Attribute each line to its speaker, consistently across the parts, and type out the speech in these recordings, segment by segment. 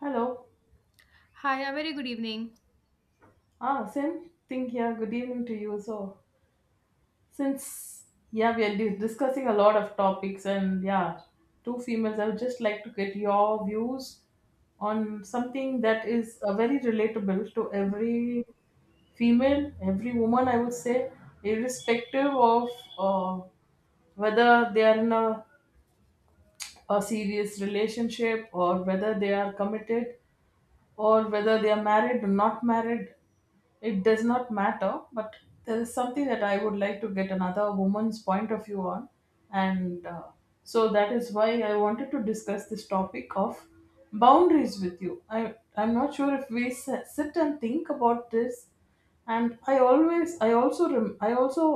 Speaker 1: Hello.
Speaker 2: Hi, a very good evening.
Speaker 1: Ah, same thing here. Good evening to you. So, since, yeah, we are discussing a lot of topics, and, yeah, two females. I would just like to get your views on something that is very relatable to every female, every woman. I would say, irrespective of uh, whether they are in a serious relationship or whether they are committed, or whether they are married or not married. It does not matter, but there is something that I would like to get another woman's point of view on. And So that is why I wanted to discuss this topic of boundaries with you. I'm not sure if we sit and think about this, and I always I also rem- I also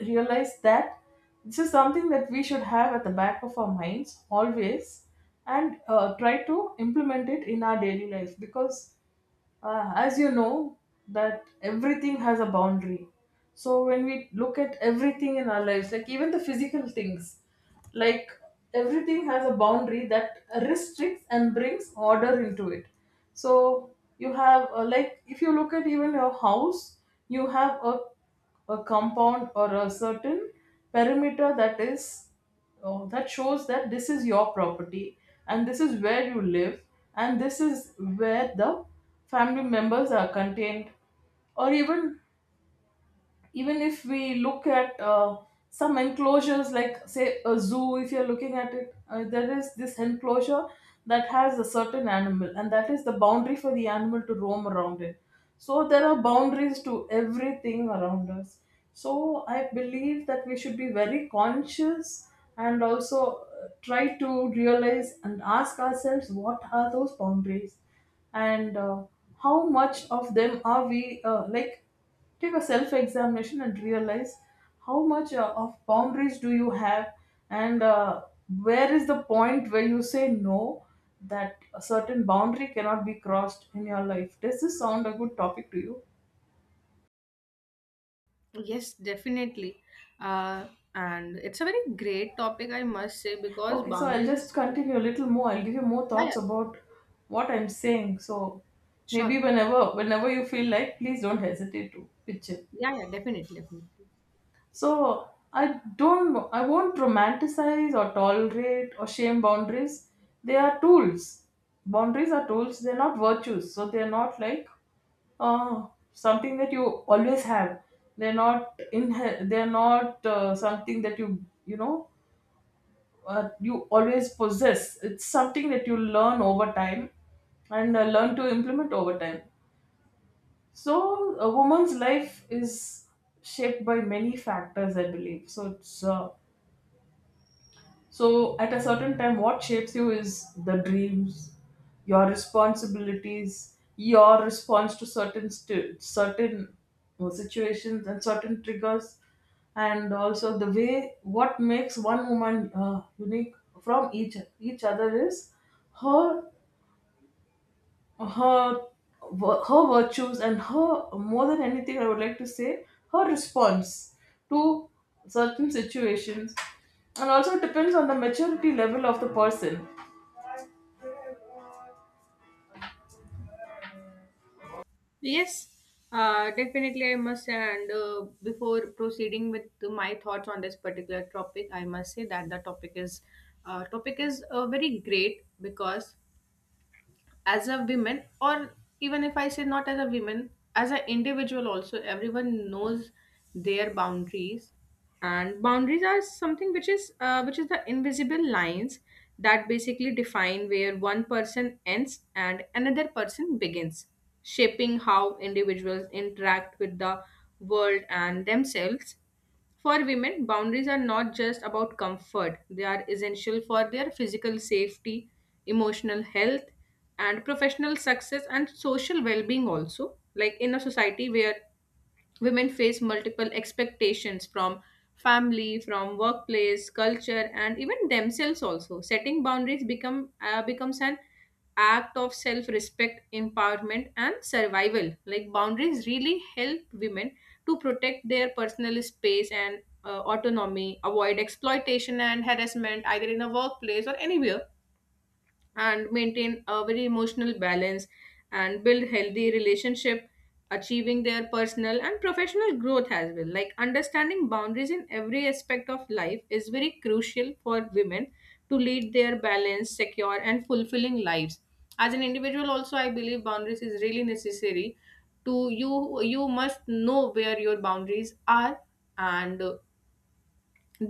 Speaker 1: realized that this is something that we should have at the back of our minds always, and try to implement it in our daily life. Because, as you know, that everything has a boundary. So when we look at everything in our lives, like even the physical things, like everything has a boundary that restricts and brings order into it. So you have like, if you look at even your house, you have a compound or a certain perimeter that shows that this is your property, and this is where you live, and this is where the family members are contained. Or even, even if we look at some enclosures, like say a zoo, if you're looking at it, there is this enclosure that has a certain animal, and that is the boundary for the animal to roam around in. So there are boundaries to everything around us. So I believe that we should be very conscious, and also try to realize and ask ourselves, what are those boundaries? And how much of them are we, like, take a self examination and realize how much of boundaries do you have? And where is the point where you say no, that a certain boundary cannot be crossed in your life? Does this sound a good topic to you?
Speaker 2: Yes, definitely. Uh, and it's a very great topic, I must say, because
Speaker 1: Okay, so I'll
Speaker 2: boundaries
Speaker 1: just
Speaker 2: is.
Speaker 1: continue a little more. I'll give you more
Speaker 2: Yeah, yeah,
Speaker 1: thoughts about what I'm saying. So maybe
Speaker 2: sure.
Speaker 1: whenever you feel like, please don't hesitate to pitch in.
Speaker 2: Yeah, yeah, definitely.
Speaker 1: So I don't, I won't romanticize or tolerate or shame boundaries. They are tools. Boundaries are tools. They're not virtues. So they're not like uh, something that you always have. They're not in. They're not something that you always possess. It's something that you learn over time, and learn to implement over time. So a woman's life is shaped by many factors, I believe. So at a certain time, what shapes you is the dreams, your responsibilities, your response to certain situations and certain triggers, and also the way. What makes one woman unique from each other is her, her her virtues, and her, more than anything I would like to say, her response to certain situations. And also, it depends on the maturity level of the person.
Speaker 2: Yes, definitely, I must say. And before proceeding with my thoughts on this particular topic, I must say that the topic is very great because as a woman, or even if I say not as a woman, as an individual also, everyone knows their boundaries. And boundaries are something which is the invisible lines that basically define where one person ends and another person begins, shaping how individuals interact with the world and themselves. For women, boundaries are not just about comfort, they are essential for their physical safety, emotional health, and professional success and social well being, also. Like in a society where women face multiple expectations from family, from workplace culture, and even themselves also, setting boundaries becomes an act of self respect empowerment, and survival. Like boundaries really help women to protect their personal space and autonomy, avoid exploitation and harassment either in a workplace or anywhere, and maintain a very emotional balance and build healthy relationship, achieving their personal and professional growth as well. Like understanding boundaries in every aspect of life is very crucial for women to lead their balanced, secure, and fulfilling lives. As an individual also, I believe boundaries is really necessary. To you you must know where your boundaries are, and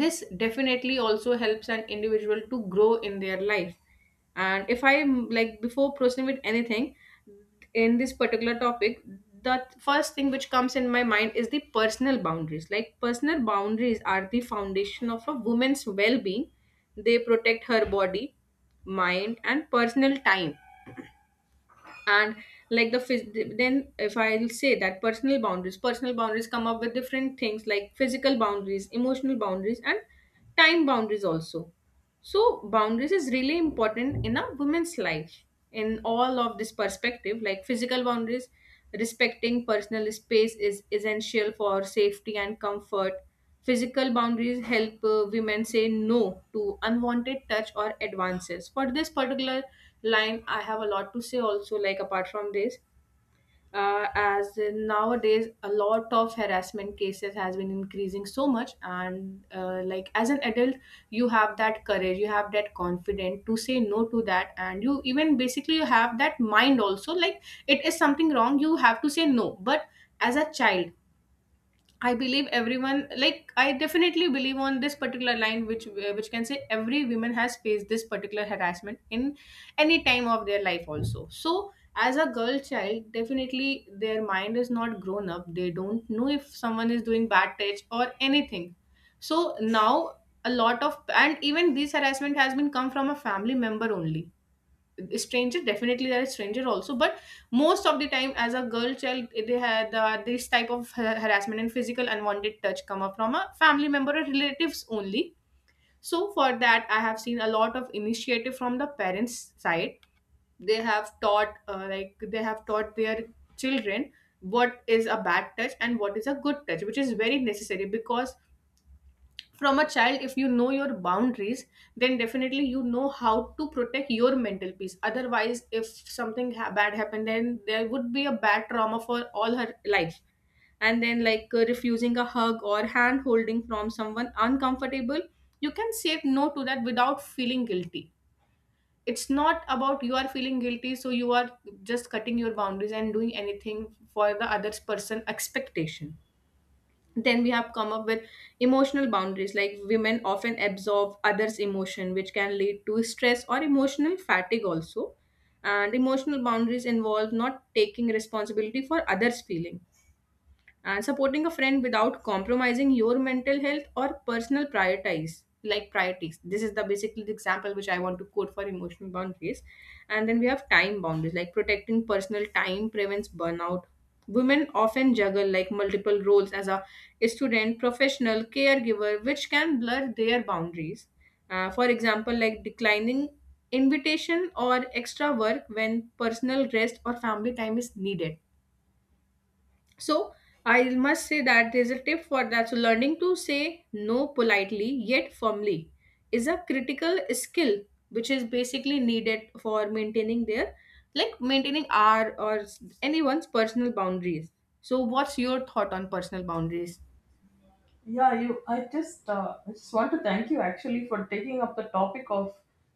Speaker 2: this definitely also helps an individual to grow in their life. And if I am, like, before proceeding with anything in this particular topic, the first thing which comes in my mind is the personal boundaries. Like, personal boundaries are the foundation of a woman's well-being. They protect her body, mind, and personal time. And like then if I'll say that personal boundaries come up with different things, like physical boundaries, emotional boundaries, and time boundaries also. So boundaries is really important in a woman's life in all of this perspective. Like physical boundaries, respecting personal space is essential for safety and comfort. Physical boundaries help women say no to unwanted touch or advances. For this particular line I have a lot to say also. Like apart from this, as in nowadays a lot of harassment cases has been increasing so much. And like as an adult, you have that courage, you have that confidence to say no to that, and you even basically you have that mind also, like it is something wrong, you have to say no. But as a child, I believe everyone, like I definitely believe on this particular line, which can say every woman has faced this particular harassment in any time of their life also. So as a girl child, definitely their mind is not grown up, they don't know if someone is doing bad touch or anything. So now a lot of, and even this harassment has been come from a family member only. Stranger definitely, there is stranger also, but most of the time as a girl child they had, uh, this type of harassment and physical unwanted touch come up from a family member or relatives only. So for that I have seen a lot of initiative from the parents' side. They have taught their children what is a bad touch and what is a good touch, which is very necessary, because from a child if you know your boundaries, then definitely you know how to protect your mental peace. Otherwise, if something bad happened, then there would be a bad trauma for all her life. And then like, refusing a hug or hand holding from someone uncomfortable, you can say no to that without feeling guilty. It's not about you are feeling guilty, so you are just cutting your boundaries and doing anything for the other person expectation. Then we have come up with emotional boundaries. Like women often absorb others' emotion, which can lead to stress or emotional fatigue also. And emotional boundaries involve not taking responsibility for others' feeling, and supporting a friend without compromising your mental health or personal priorities. Like priorities, this is the basically the example which I want to quote for emotional boundaries. And then we have time boundaries. Like protecting personal time prevents burnout. Women often juggle like multiple roles as a student, professional, caregiver, which can blur their boundaries. For example, like declining invitation or extra work when personal rest or family time is needed. So I must say that there's a tip for that. So learning to say no politely yet firmly is a critical skill which is basically needed for maintaining their, like maintaining our or anyone's personal boundaries. So what's your thought on personal boundaries?
Speaker 1: Yeah, you. I just want to thank you, actually, for taking up the topic of,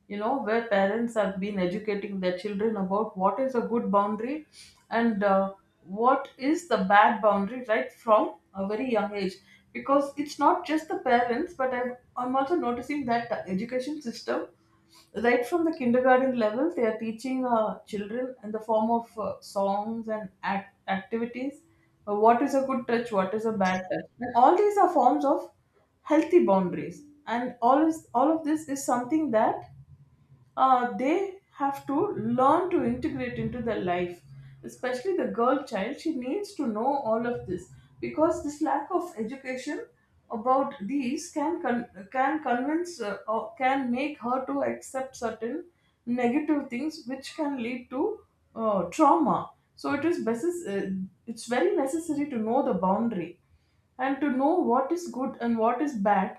Speaker 1: you know, where parents have been educating their children about what is a good boundary, and what is the bad boundary right from a very young age. Because it's not just the parents, but I'm also noticing that the education system, right from the kindergarten level, they are teaching children in the form of songs and activities, what is a good touch, what is a bad touch. And all these are forms of healthy boundaries, and all of this is something that they have to learn to integrate into their life, especially the girl child. She needs to know all of this, because this lack of education about these can can convince or can make her to accept certain negative things, which can lead to trauma. So it's very necessary to know the boundary, and to know what is good and what is bad,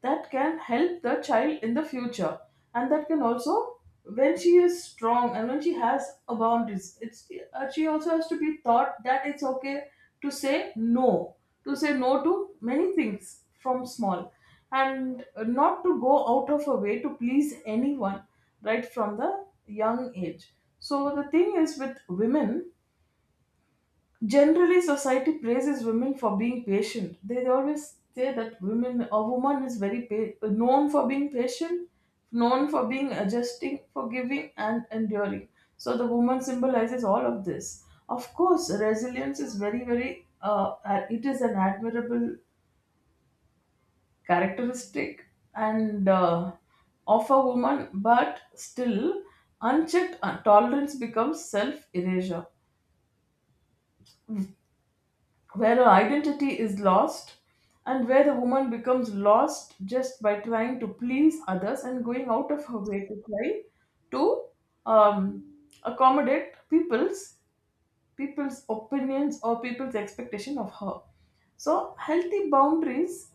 Speaker 1: that can help the child in the future. And that can also, when she is strong and when she has a boundaries, it's she also has to be taught that it's okay to say no, to say no to many things from small, and not to go out of her way to please anyone right from the young age. So the thing is with women, generally, society praises women for being patient. They always say that a woman is very known for being patient, known for being adjusting, forgiving, and enduring. So the woman symbolizes all of this. Of course, resilience is very, very. It is an admirable characteristic, and of a woman, but still, unchecked tolerance becomes self erasure, where her identity is lost, and where the woman becomes lost just by trying to please others and going out of her way to try to um, accommodate people's opinions or people's expectation of her. So healthy boundaries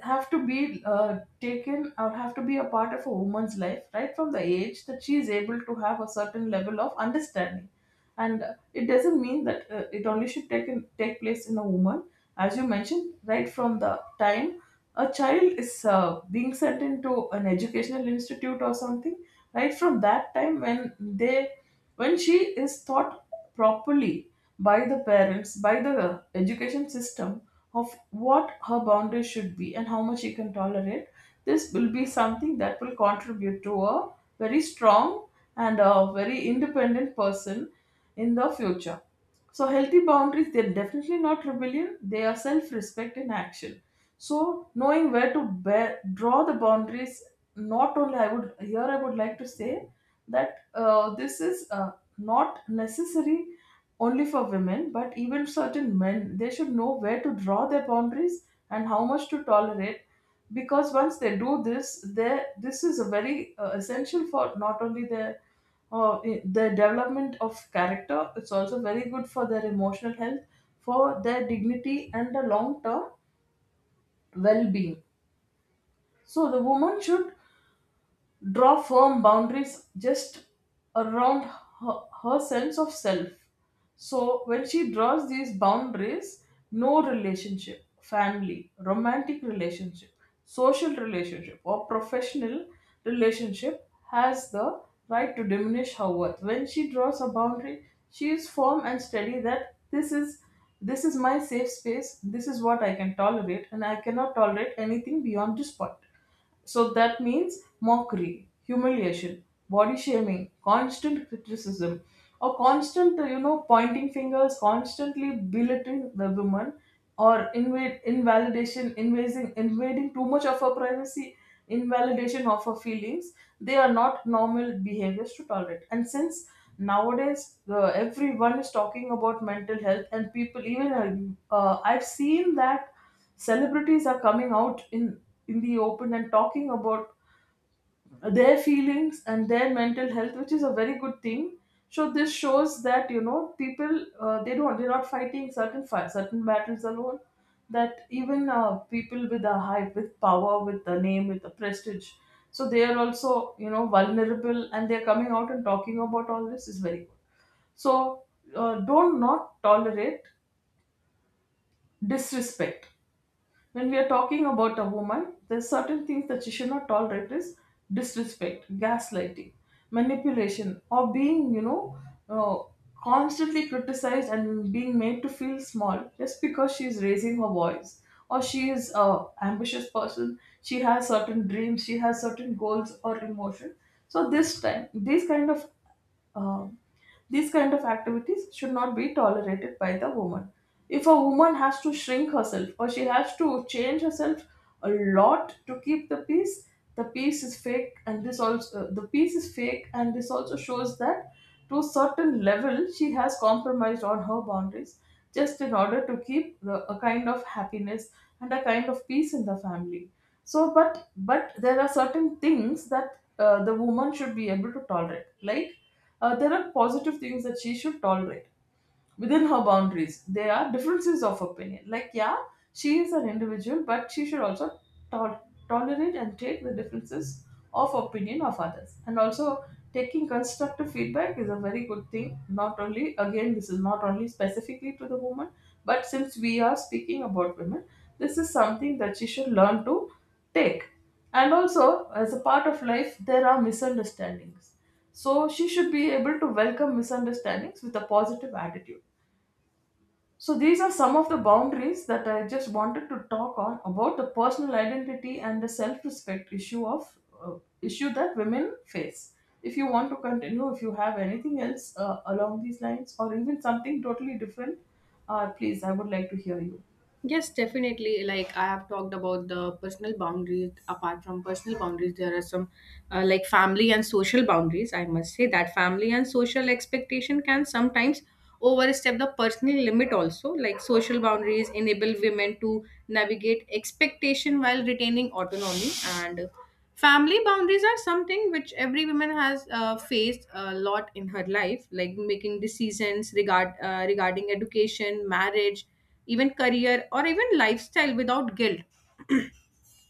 Speaker 1: have to be taken, or have to be a part of a woman's life right from the age that she is able to have a certain level of understanding. And it doesn't mean that it only should take place in a woman. As you mentioned, right from the time a child is being sent into an educational institute or something, right from that time, when she is taught properly by the parents, by the education system, of what her boundaries should be and how much she can tolerate, this will be something that will contribute to a very strong and a very independent person in the future. So healthy boundaries, they're definitely not rebellion, they are self-respect in action. So, knowing where to draw the boundaries, not only, I would like to say that this is not necessary only for women, but even certain men, they should know where to draw their boundaries and how much to tolerate. Because once they do this, they this is a very essential for not only their, their development of character. It's also very good for their emotional health, for their dignity, and the long term well being. So the woman should draw firm boundaries just around her sense of self. So when she draws these boundaries, no relationship, family, romantic relationship, social relationship, or professional relationship has the right to diminish her worth. When she draws a boundary, she is firm and steady that this is my safe space, this is what I can tolerate, and I cannot tolerate anything beyond this point. So that means mockery, humiliation, body shaming, constant criticism, or constant, pointing fingers, constantly belittling the woman, or invading too much of her privacy, invalidation of her feelings. They are not normal behaviors to tolerate. And since nowadays, everyone is talking about mental health, and people even I've seen that celebrities are coming out in the open and talking about their feelings and their mental health, which is a very good thing. So this shows that, people, they're not fighting certain battles alone. That even, people with a hype, with power, with the name, with the prestige, so they are also vulnerable, and they're coming out and talking about all this, is very good. So, don't not tolerate disrespect. When we are talking about a woman, there's certain things that she should not tolerate is disrespect, gaslighting, manipulation, or being, uh, constantly criticized and being made to feel small just because she is raising her voice, or she is a ambitious person. She has certain dreams, she has certain goals or emotion. So this time, uh, these kind of activities should not be tolerated by the woman. If a woman has to shrink herself, or she has to change herself a lot to keep the peace is fake, and this also the peace is fake, and this also shows that to a certain level she has compromised on her boundaries, just in order to keep a kind of happiness and a kind of peace in the family. So, but there are certain things that the woman should be able to tolerate, like, there are positive things that she should tolerate within her boundaries. There are differences of opinion. Like, yeah, she is an individual, but she should also tol- tolerate and take the differences of opinion of others. And also, taking constructive feedback is a very good thing. Not only, again, this is not only specifically to the woman, but since we are speaking about women, this is something that she should learn to take. And also, as a part of life, there are misunderstandings. So she should be able to welcome misunderstandings with a positive attitude. So these are some of the boundaries that I just wanted to talk on about the personal identity and the self-respect issue of issue that women face. If you want to continue, if you have anything else along these lines or even something totally different, please, I would like to hear you.
Speaker 2: Yes, definitely. Like I have talked about the personal boundaries. Apart from personal boundaries, there are some like family and social boundaries. I must say that family and social expectation can sometimes overstep the personal limit also. Like social boundaries enable women to navigate expectation while retaining autonomy. And family boundaries are something which every woman has faced a lot in her life, like making decisions regarding education, marriage, even career, or even lifestyle without guilt.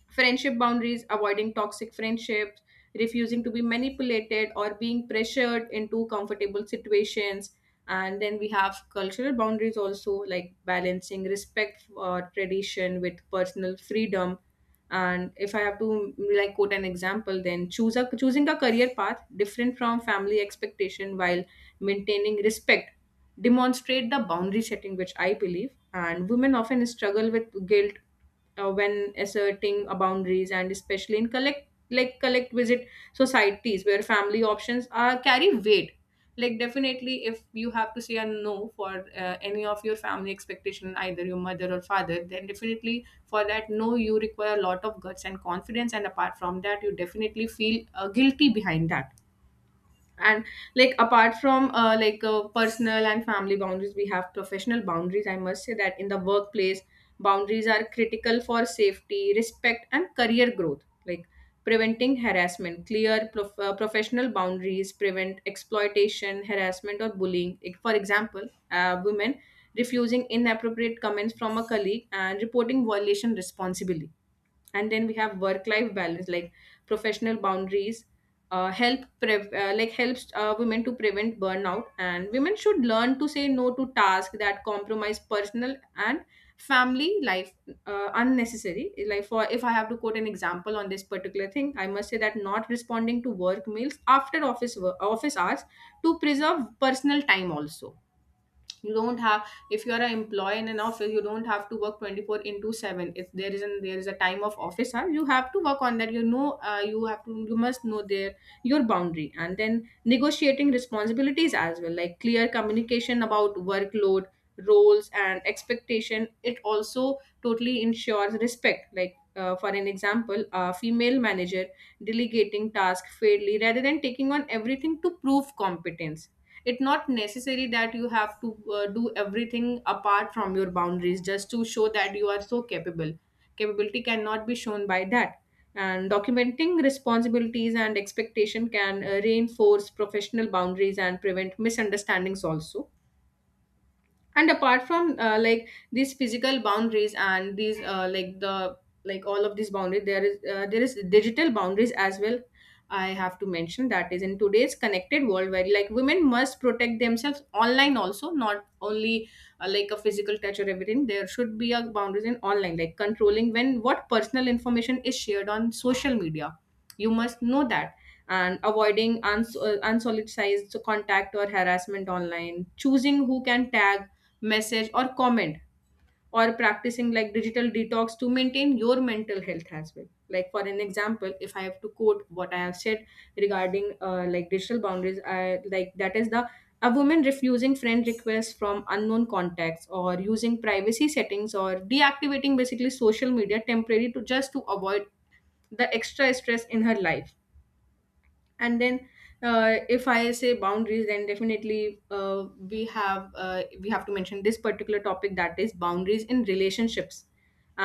Speaker 2: Friendship boundaries, avoiding toxic friendships, refusing to be manipulated or being pressured into comfortable situations. And then we have cultural boundaries also, like balancing respect for tradition with personal freedom. And if I have to, mm, like quote an example, then choose a choosing a career path different from family expectation while maintaining respect, demonstrate the boundary setting, which I believe. And women often struggle with guilt when asserting boundaries, and especially in collect visit societies where family options are carry weight. Like definitely if you have to say a no for any of your family expectation, either your mother or father, then definitely for that no you require a lot of guts and confidence. And apart from that, you definitely feel guilty behind that. And like apart from personal and family boundaries, we have professional boundaries. I must say that in the workplace, boundaries are critical for safety, respect, and career growth. Like preventing harassment, clear professional boundaries prevent exploitation, harassment, or bullying. Like, for example, women refusing inappropriate comments from a colleague and reporting violation responsibly. And then we have work life balance. Like professional boundaries help prev- like helps women to prevent burnout. And women should learn to say no to tasks that compromise personal and family life unnecessary. Like, for, if I have to quote an example on this particular thing, I must say that not responding to work mails after office hours to preserve personal time also. You don't have, if you are an employee in an office, you don't have to work 24 into 7. If there is an there is a time of office hour, you have to work on that, you know. You have to, you must know their, your boundary. And then negotiating responsibilities as well. Like clear communication about workload, roles, and expectation, it also totally ensures respect. Like for an example, a female manager delegating tasks fairly rather than taking on everything to prove competence. It's not necessary that you have to do everything apart from your boundaries just to show that you are so capable. Capability cannot be shown by that. And documenting responsibilities and expectation can reinforce professional boundaries and prevent misunderstandings also. And apart from these physical boundaries and these like the like all of these boundaries, there is there is digital boundaries as well. I have to mention that is in today's connected world where like women must protect themselves online also, not only like a physical touch or everything, there should be a boundaries in online. Like controlling when, what personal information is shared on social media, you must know that. And avoiding unsolicited contact or harassment online, choosing who can tag, message, or comment, or practicing like digital detox to maintain your mental health as well. Like, for an example, if I have to quote what I have said regarding like digital boundaries, I like that is the, a woman refusing friend requests from unknown contacts, or using privacy settings, or deactivating basically social media temporarily to just to avoid the extra stress in her life. And then if I say boundaries, then definitely we have to mention this particular topic, that is boundaries in relationships.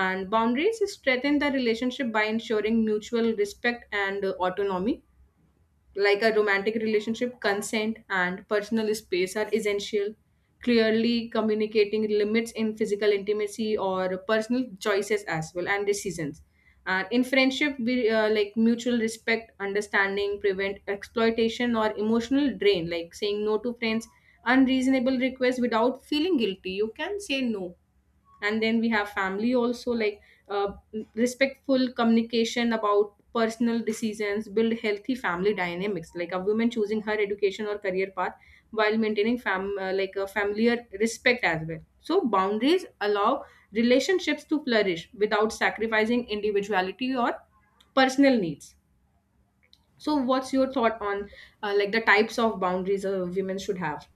Speaker 2: And boundaries strengthen the relationship by ensuring mutual respect and autonomy. Like a romantic relationship, consent and personal space are essential. Clearly communicating limits in physical intimacy or personal choices as well and decisions. And in friendship, we like mutual respect, understanding, prevent exploitation or emotional drain. Like saying no to friends, unreasonable requests without feeling guilty. You can say no. And then we have family also, like uh, respectful communication about personal decisions build healthy family dynamics. Like a woman choosing her education or career path while maintaining fam- like a familiar respect as well. So boundaries allow relationships to flourish without sacrificing individuality or personal needs. So what's your thought on like the types of boundaries a women should have?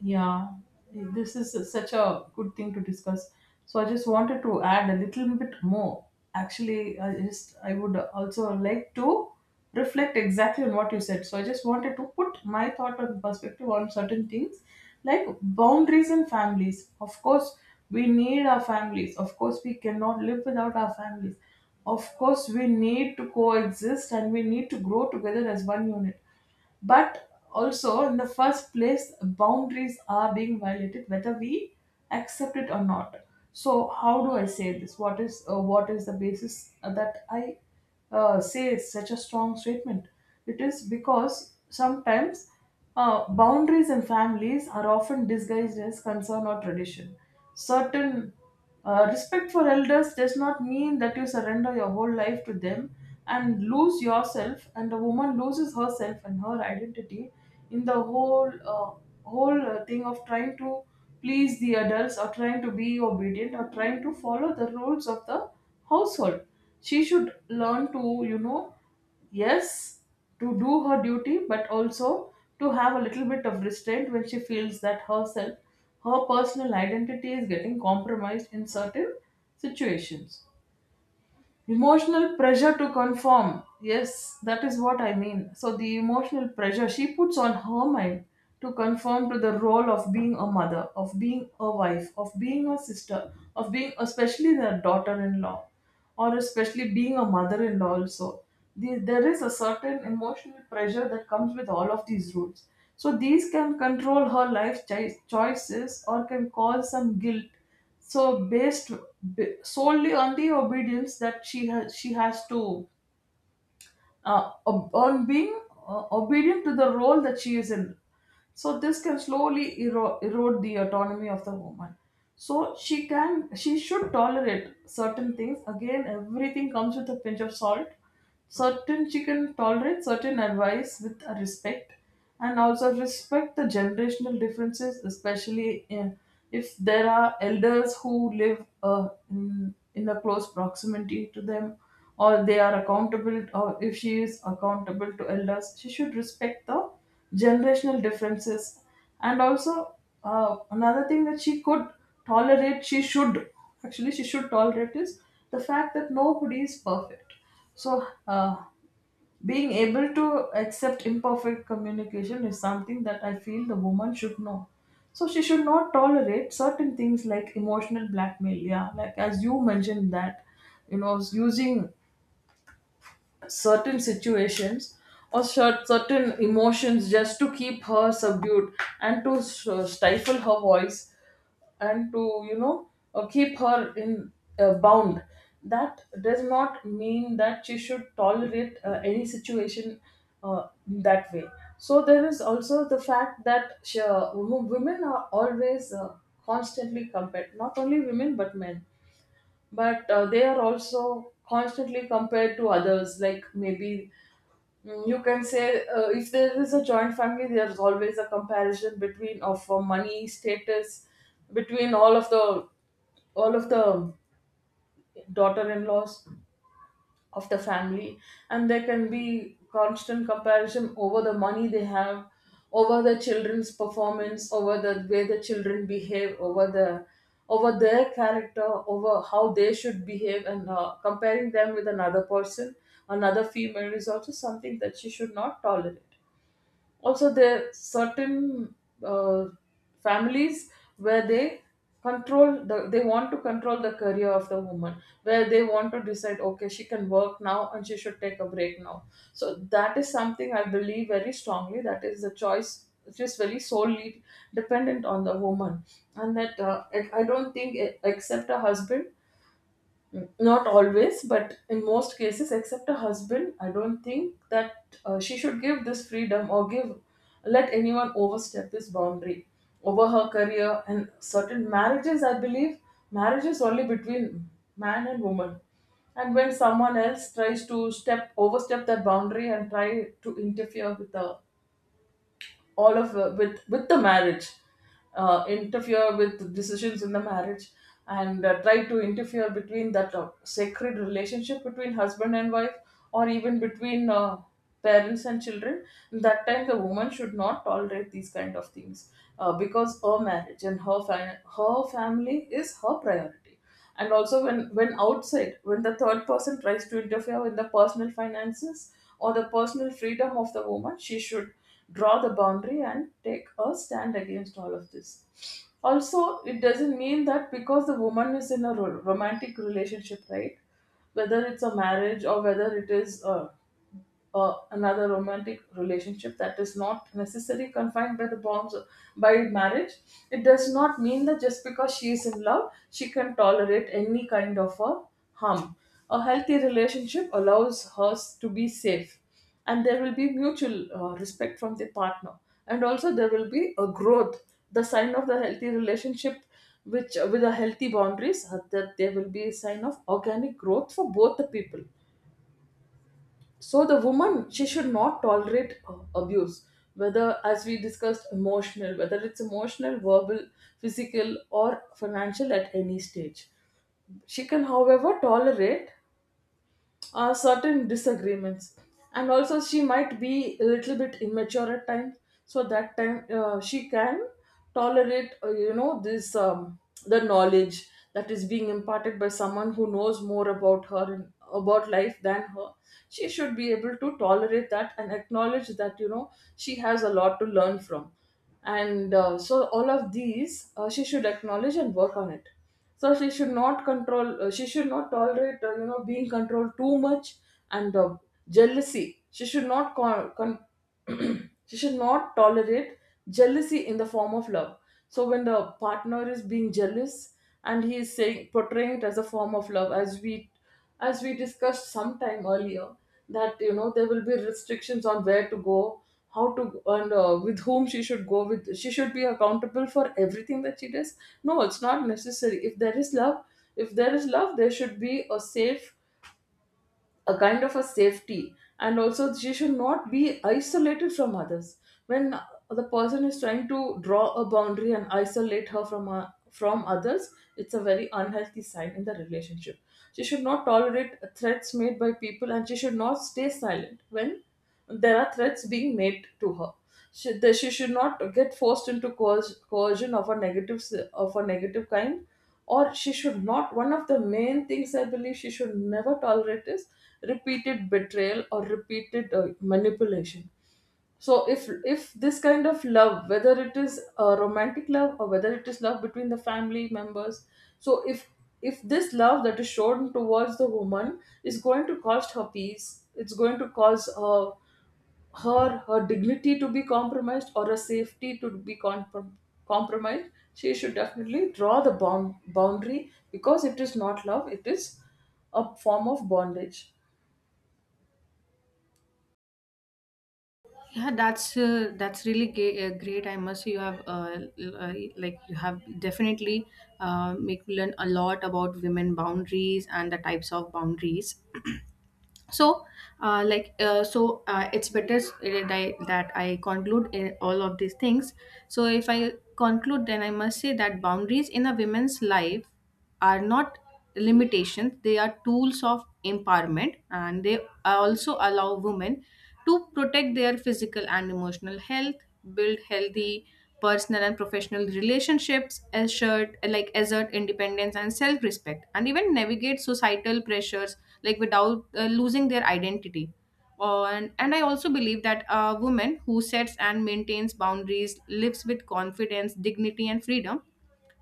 Speaker 1: Yeah, this is such a good thing to discuss. So I just wanted to add a little bit more. Actually, I would also like to reflect exactly on what you said. So I just wanted to put my thought and perspective on certain things like boundaries and families. Of course, we need our families. Of course, we cannot live without our families. Of course, we need to coexist and we need to grow together as one unit, but also in the first place boundaries are being violated whether we accept it or not. So how do I say this? What is what is the basis that I say it's such a strong statement? It is because sometimes boundaries in families are often disguised as concern or tradition. Certain respect for elders does not mean that you surrender your whole life to them and lose yourself. And a woman loses herself and her identity in the whole thing of trying to please the adults or trying to be obedient or trying to follow the rules of the household. She should learn to, you know, yes, to do her duty, but also to have a little bit of restraint when she feels that herself, her personal identity is getting compromised in certain situations. Emotional pressure to conform. Yes, that is what I mean. So, the emotional pressure she puts on her mind to conform to the role of being a mother, of being a wife, of being a sister, of being especially the daughter in law, or especially being a mother in law, also. There is a certain emotional pressure that comes with all of these roles. So, these can control her life choices or can cause some guilt, so based solely on the obedience that she has, she has to on being obedient to the role that she is in. So this can slowly erode the autonomy of the woman. So she should tolerate certain things. Again, everything comes with a pinch of salt. Certain, she can tolerate certain advice with a respect, and also respect the generational differences, especially in, if there are elders who live in a close proximity to them, or they are accountable, or if she is accountable to elders, she should respect the generational differences. And also, another thing that she could tolerate she should actually she should tolerate is the fact that nobody is perfect. So being able to accept imperfect communication is something that I feel the woman should know. So she should not tolerate certain things like emotional blackmail, yeah, like as you mentioned, that, you know, using certain situations or certain emotions just to keep her subdued and to stifle her voice and to, you know, keep her in bound. That does not mean that she should tolerate any situation that way. So there is also the fact that women are always constantly compared, not only women but men, but they are also constantly compared to others like maybe. Mm, you can say if there is a joint family, there is always a comparison between of money status between all of the daughter-in-laws of the family, and there can be constant comparison over the money they have, over the children's performance, over the way the children behave, over the over their character, over how they should behave, and comparing them with another person, another female, is also something that she should not tolerate. Also, there certain uh, families where they control the, they want to control the career of the woman, where they want to decide, okay, she can work now and she should take a break now. So that is something I believe very strongly, that is the choice which is very solely dependent on the woman. And that I don't think, eh, except a husband, not always but in most cases, except a husband, I don't think that she should give this freedom or give, let anyone overstep this boundary over her career. And certain marriages, I believe marriage is only between man and woman, and when someone else tries to step overstep that boundary and try to interfere with the all of with the marriage, interfere with decisions in the marriage, and try to interfere between that sacred relationship between husband and wife, or even between parents and children, that time the woman should not tolerate these kind of things, because her marriage and her her family is her priority. And also when outside, when the third person tries to interfere with the personal finances or the personal freedom of the woman, she should draw the boundary and take a stand against all of this. Also, it doesn't mean that because the woman is in a romantic relationship, right, whether it's a marriage or whether it is a another romantic relationship that is not necessarily confined by the bonds by marriage, it does not mean that just because she is in love she can tolerate any kind of a harm. A healthy relationship allows her to be safe, and there will be mutual respect from the partner, and also there will be a growth, the sign of the healthy relationship, which with a healthy boundaries, that there will be a sign of organic growth for both the people. So the woman, she should not tolerate abuse, whether as we discussed emotional, whether it's emotional, verbal, physical or financial, at any stage. She can, however, tolerate certain disagreements, and also she might be a little bit immature at times. So that time, she can tolerate, you know, this the knowledge that is being imparted by someone who knows more about her and about life than her. She should be able to tolerate that and acknowledge that, you know, she has a lot to learn from. And so all of these, she should acknowledge and work on it. So she should not tolerate, you know, being controlled too much. And jealousy, she should not con- con- she should not tolerate jealousy in the form of love. So when the partner is being jealous and he is saying, portraying it as a form of love, as we discussed some time earlier, that, you know, there will be restrictions on where to go, how to go, and with whom she should go with, she should be accountable for everything that she does. No, it's not necessary. If there is love, if there is love there should be a safe, a kind of a safety. And also she should not be isolated from others. When the person is trying to draw a boundary and isolate her, from others, it's a very unhealthy sign in the relationship. She should not tolerate threats made by people, and she should not stay silent when there are threats being made to her. That she should not get forced into coercion of a of a negative kind, or she should not. One of the main things I believe she should never tolerate is repeated betrayal or repeated manipulation. So if this kind of love, whether it is a romantic love or whether it is love between the family members, so if this love that is shown towards the woman is going to cost her peace, it's going to cause her dignity to be compromised or her safety to be compromised, she should definitely draw the boundary, because it is not love, it is a form of bondage.
Speaker 2: Yeah, that's that's really great. I must say you have definitely make me learn a lot about women boundaries and the types of boundaries. So that I conclude in all of these things. So if I conclude, then I must say that boundaries in a women's life are not limitations, they are tools of empowerment. And they also allow women to protect their physical and emotional health, build healthy personal and professional relationships, assert, like assert independence and self-respect, and even navigate societal pressures like without losing their identity. On and I also believe that a woman who sets and maintains boundaries lives with confidence, dignity, and freedom.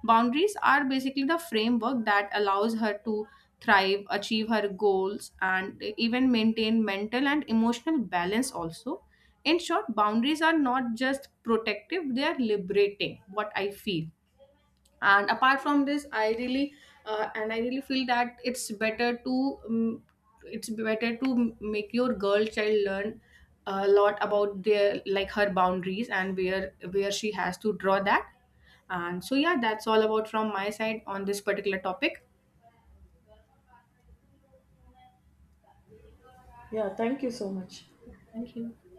Speaker 2: Boundaries are basically the framework that allows her to thrive, achieve her goals, and even maintain mental and emotional balance, also. In short, boundaries are not just protective, they are liberating, what I feel. And apart from this, I really, and I really feel that it's better to, it's better to make your girl child learn a lot about their, like her boundaries and where she has to draw that. And so yeah, that's all about from my side on this particular topic.
Speaker 1: Yeah, thank you so much.
Speaker 2: Thank you.